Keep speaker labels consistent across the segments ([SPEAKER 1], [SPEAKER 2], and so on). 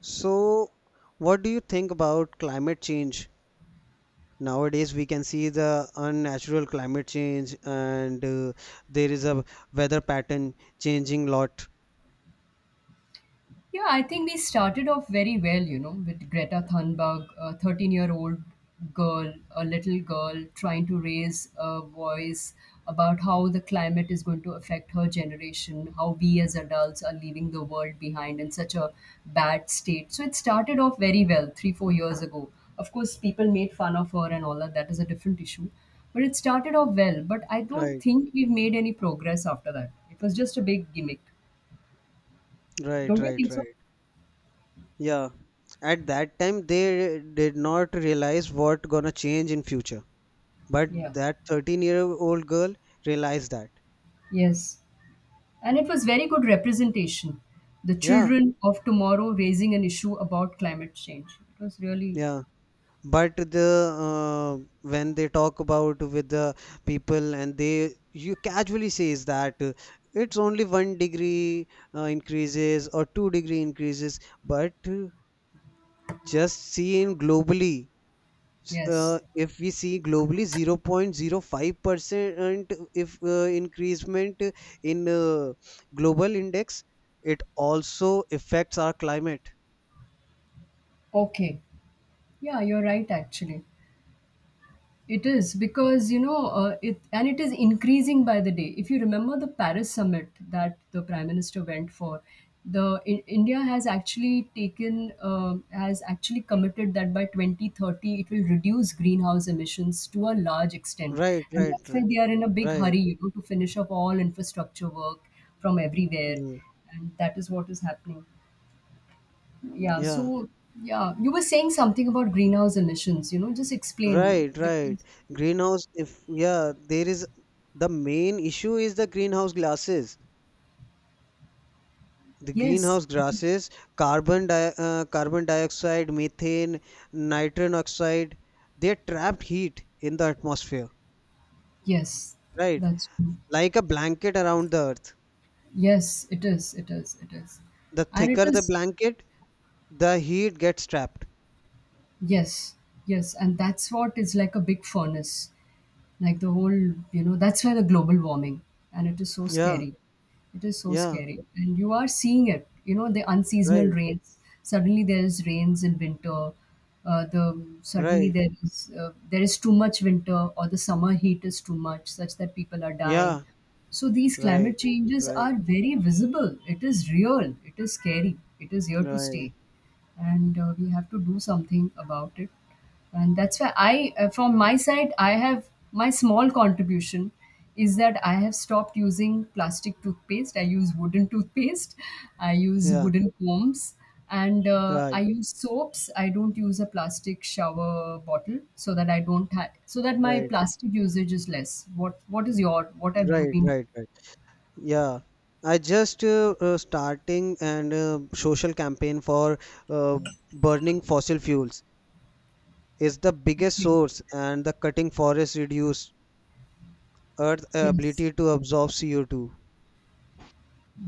[SPEAKER 1] So, what do you think about climate change? Nowadays, we can see the unnatural climate change, and there is a weather pattern changing lot.
[SPEAKER 2] Yeah, I think we started off very well, you know, with Greta Thunberg, a 13-year-old girl, a little girl trying to raise a voice about how the climate is going to affect her generation, how we as adults are leaving the world behind in such a bad state. So it started off very well three, 4 years ago. Of course, people made fun of her and all that. That is a different issue. But it started off well. But I don't
[SPEAKER 1] Right,
[SPEAKER 2] think we've made any progress after that. It was just a big gimmick.
[SPEAKER 1] right,
[SPEAKER 2] Don't you
[SPEAKER 1] right,
[SPEAKER 2] think so?
[SPEAKER 1] right. Yeah. At that time, they did not realize what gonna change in future. But
[SPEAKER 2] Yeah.
[SPEAKER 1] that 13-year-old girl realized that.
[SPEAKER 2] Yes, and it was very good representation. The
[SPEAKER 1] Yeah,
[SPEAKER 2] children of tomorrow raising an issue about climate change. It was really,
[SPEAKER 1] yeah. but the when they talk about with the people and they you casually says that it's only 1 degree increases or 2 degree increases but just seeing globally
[SPEAKER 2] yes.
[SPEAKER 1] if we see globally 0.0 0.05% if increasement in global index it also affects our climate.
[SPEAKER 2] Okay. Yeah, you're right, actually. It is because and it is increasing by the day. If you remember the Paris summit that the prime minister went for, India has actually committed that by 2030 it will reduce greenhouse emissions to a large extent,
[SPEAKER 1] Right,
[SPEAKER 2] and
[SPEAKER 1] right,
[SPEAKER 2] that's why
[SPEAKER 1] right,
[SPEAKER 2] they are in a big
[SPEAKER 1] right.
[SPEAKER 2] hurry, you know, to finish up all infrastructure work from everywhere,
[SPEAKER 1] Mm,
[SPEAKER 2] and that is what is happening. Yeah.
[SPEAKER 1] yeah.
[SPEAKER 2] You were saying something about greenhouse emissions. You know, just explain
[SPEAKER 1] Right, right.
[SPEAKER 2] because.
[SPEAKER 1] Greenhouse, if yeah, the main issue is the greenhouse gases. The
[SPEAKER 2] Yes.
[SPEAKER 1] greenhouse gases, carbon dioxide, methane, nitrogen oxide, they trap heat in the atmosphere,
[SPEAKER 2] Yes.
[SPEAKER 1] right?
[SPEAKER 2] That's true.
[SPEAKER 1] Like a blanket around the earth.
[SPEAKER 2] Yes, it is. It is. It is.
[SPEAKER 1] The
[SPEAKER 2] And it
[SPEAKER 1] thicker the
[SPEAKER 2] is.
[SPEAKER 1] blanket, the heat gets trapped.
[SPEAKER 2] Yes. Yes. And that's what is like a big furnace. Like the whole, you know, that's where the global warming, and it is so
[SPEAKER 1] Yeah,
[SPEAKER 2] scary, it is so
[SPEAKER 1] yeah,
[SPEAKER 2] scary, and you are seeing it, you know, the unseasonal
[SPEAKER 1] right,
[SPEAKER 2] rains, suddenly there is rains in winter. The suddenly
[SPEAKER 1] right.
[SPEAKER 2] there is too much winter, or the summer heat is too much such that people are dying.
[SPEAKER 1] Yeah,
[SPEAKER 2] So these
[SPEAKER 1] right,
[SPEAKER 2] climate changes
[SPEAKER 1] right,
[SPEAKER 2] are very visible, it is real, it is scary, it is here to
[SPEAKER 1] right.
[SPEAKER 2] stay, and we have to do something about it. And that's why I from my side I have my small contribution is that I have stopped using plastic toothpaste, I use wooden toothpaste, I use
[SPEAKER 1] Yeah,
[SPEAKER 2] wooden combs, and I
[SPEAKER 1] right,
[SPEAKER 2] use soaps, I don't use a plastic shower bottle, so that I don't have, so that my
[SPEAKER 1] right,
[SPEAKER 2] plastic usage is less. What is your, what have you
[SPEAKER 1] right,
[SPEAKER 2] been?
[SPEAKER 1] right, right. Yeah, I just starting and social campaign for uh, burning fossil fuels is the biggest
[SPEAKER 2] Okay.
[SPEAKER 1] source and the cutting forests reduce earth
[SPEAKER 2] Yes.
[SPEAKER 1] ability to absorb CO2.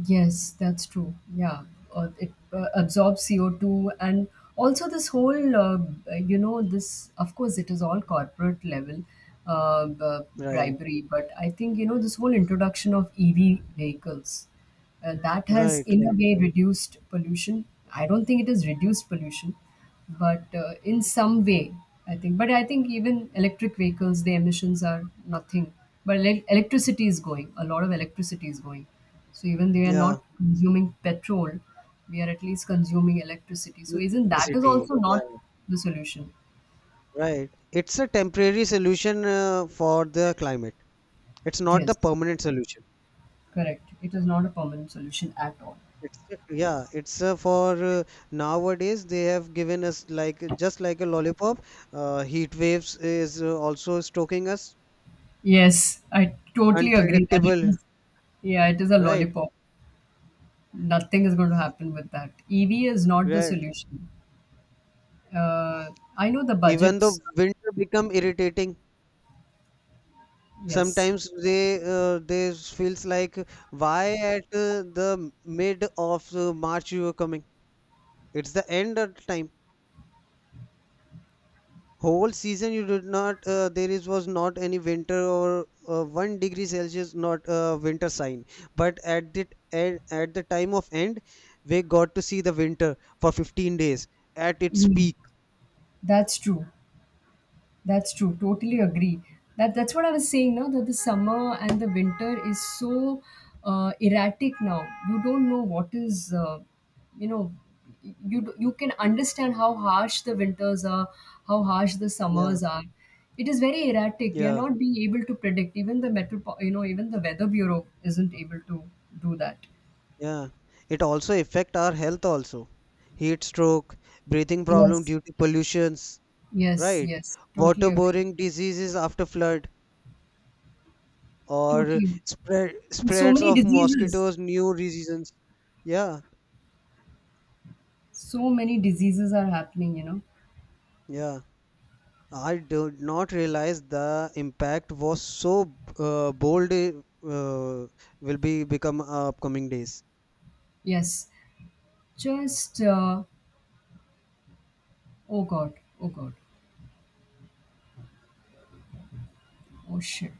[SPEAKER 2] Yes, that's true. Yeah, it absorbs CO2, and also this whole, you know, this, of course, it is all corporate level uh, b-
[SPEAKER 1] Right,
[SPEAKER 2] bribery, but I think, you know, this whole introduction of EV vehicles. That has,
[SPEAKER 1] right,
[SPEAKER 2] in a
[SPEAKER 1] right,
[SPEAKER 2] way,
[SPEAKER 1] right.
[SPEAKER 2] reduced pollution. I don't think it has reduced pollution, but in some way, I think. But I think even electric vehicles, the emissions are nothing. But electricity is going. A lot of electricity is going. So even they are
[SPEAKER 1] Yeah,
[SPEAKER 2] not consuming petrol, we are at least consuming electricity. So isn't that is
[SPEAKER 1] electricity.
[SPEAKER 2] also
[SPEAKER 1] Yeah,
[SPEAKER 2] not the solution?
[SPEAKER 1] right. It's a temporary solution for the climate. It's not the
[SPEAKER 2] Yes,
[SPEAKER 1] permanent solution.
[SPEAKER 2] correct. It is not a permanent solution at all.
[SPEAKER 1] It's yeah, it's for nowadays they have given us like just like a lollipop. Heat waves is also stalking us.
[SPEAKER 2] Yes, I totally agree that it
[SPEAKER 1] Unpredictable,
[SPEAKER 2] is. Yeah, it is a
[SPEAKER 1] right?
[SPEAKER 2] lollipop. Nothing is going to happen with that. EV is not the
[SPEAKER 1] Right.
[SPEAKER 2] solution. Uh, I know the
[SPEAKER 1] Even though
[SPEAKER 2] budgets.
[SPEAKER 1] winter become irritating.
[SPEAKER 2] Yes.
[SPEAKER 1] Sometimes they feels like why at the mid of March you are coming. It's the end of time. Whole season you did not there is was not any winter or 1 degree celsius not winter sign but at the time of end we got to see the winter for 15 days at its
[SPEAKER 2] Mm,
[SPEAKER 1] peak.
[SPEAKER 2] that's true. That's true. Totally agree. That, that's what I was saying. Now that the summer and the winter is so erratic now. You don't know what is. You know, you can understand how harsh the winters are, how harsh the
[SPEAKER 1] Yeah,
[SPEAKER 2] summers are. It is very erratic. We are
[SPEAKER 1] yeah,
[SPEAKER 2] not being able to predict. Even the you know, even the weather bureau isn't able to do that.
[SPEAKER 1] yeah, it also affect our health also. Heat stroke, breathing problem
[SPEAKER 2] Yes.
[SPEAKER 1] due to pollutions.
[SPEAKER 2] Yes.
[SPEAKER 1] Right.
[SPEAKER 2] Yes. Totally agree.
[SPEAKER 1] Waterborne diseases after flood or
[SPEAKER 2] Totally.
[SPEAKER 1] spread
[SPEAKER 2] And so
[SPEAKER 1] spreads
[SPEAKER 2] many
[SPEAKER 1] of
[SPEAKER 2] diseases.
[SPEAKER 1] mosquitoes new diseases. Yeah,
[SPEAKER 2] So many diseases are happening. You know.
[SPEAKER 1] yeah. I did not realize the impact was so bold will be become upcoming days.
[SPEAKER 2] Yes, just oh god, oh god, oh shit.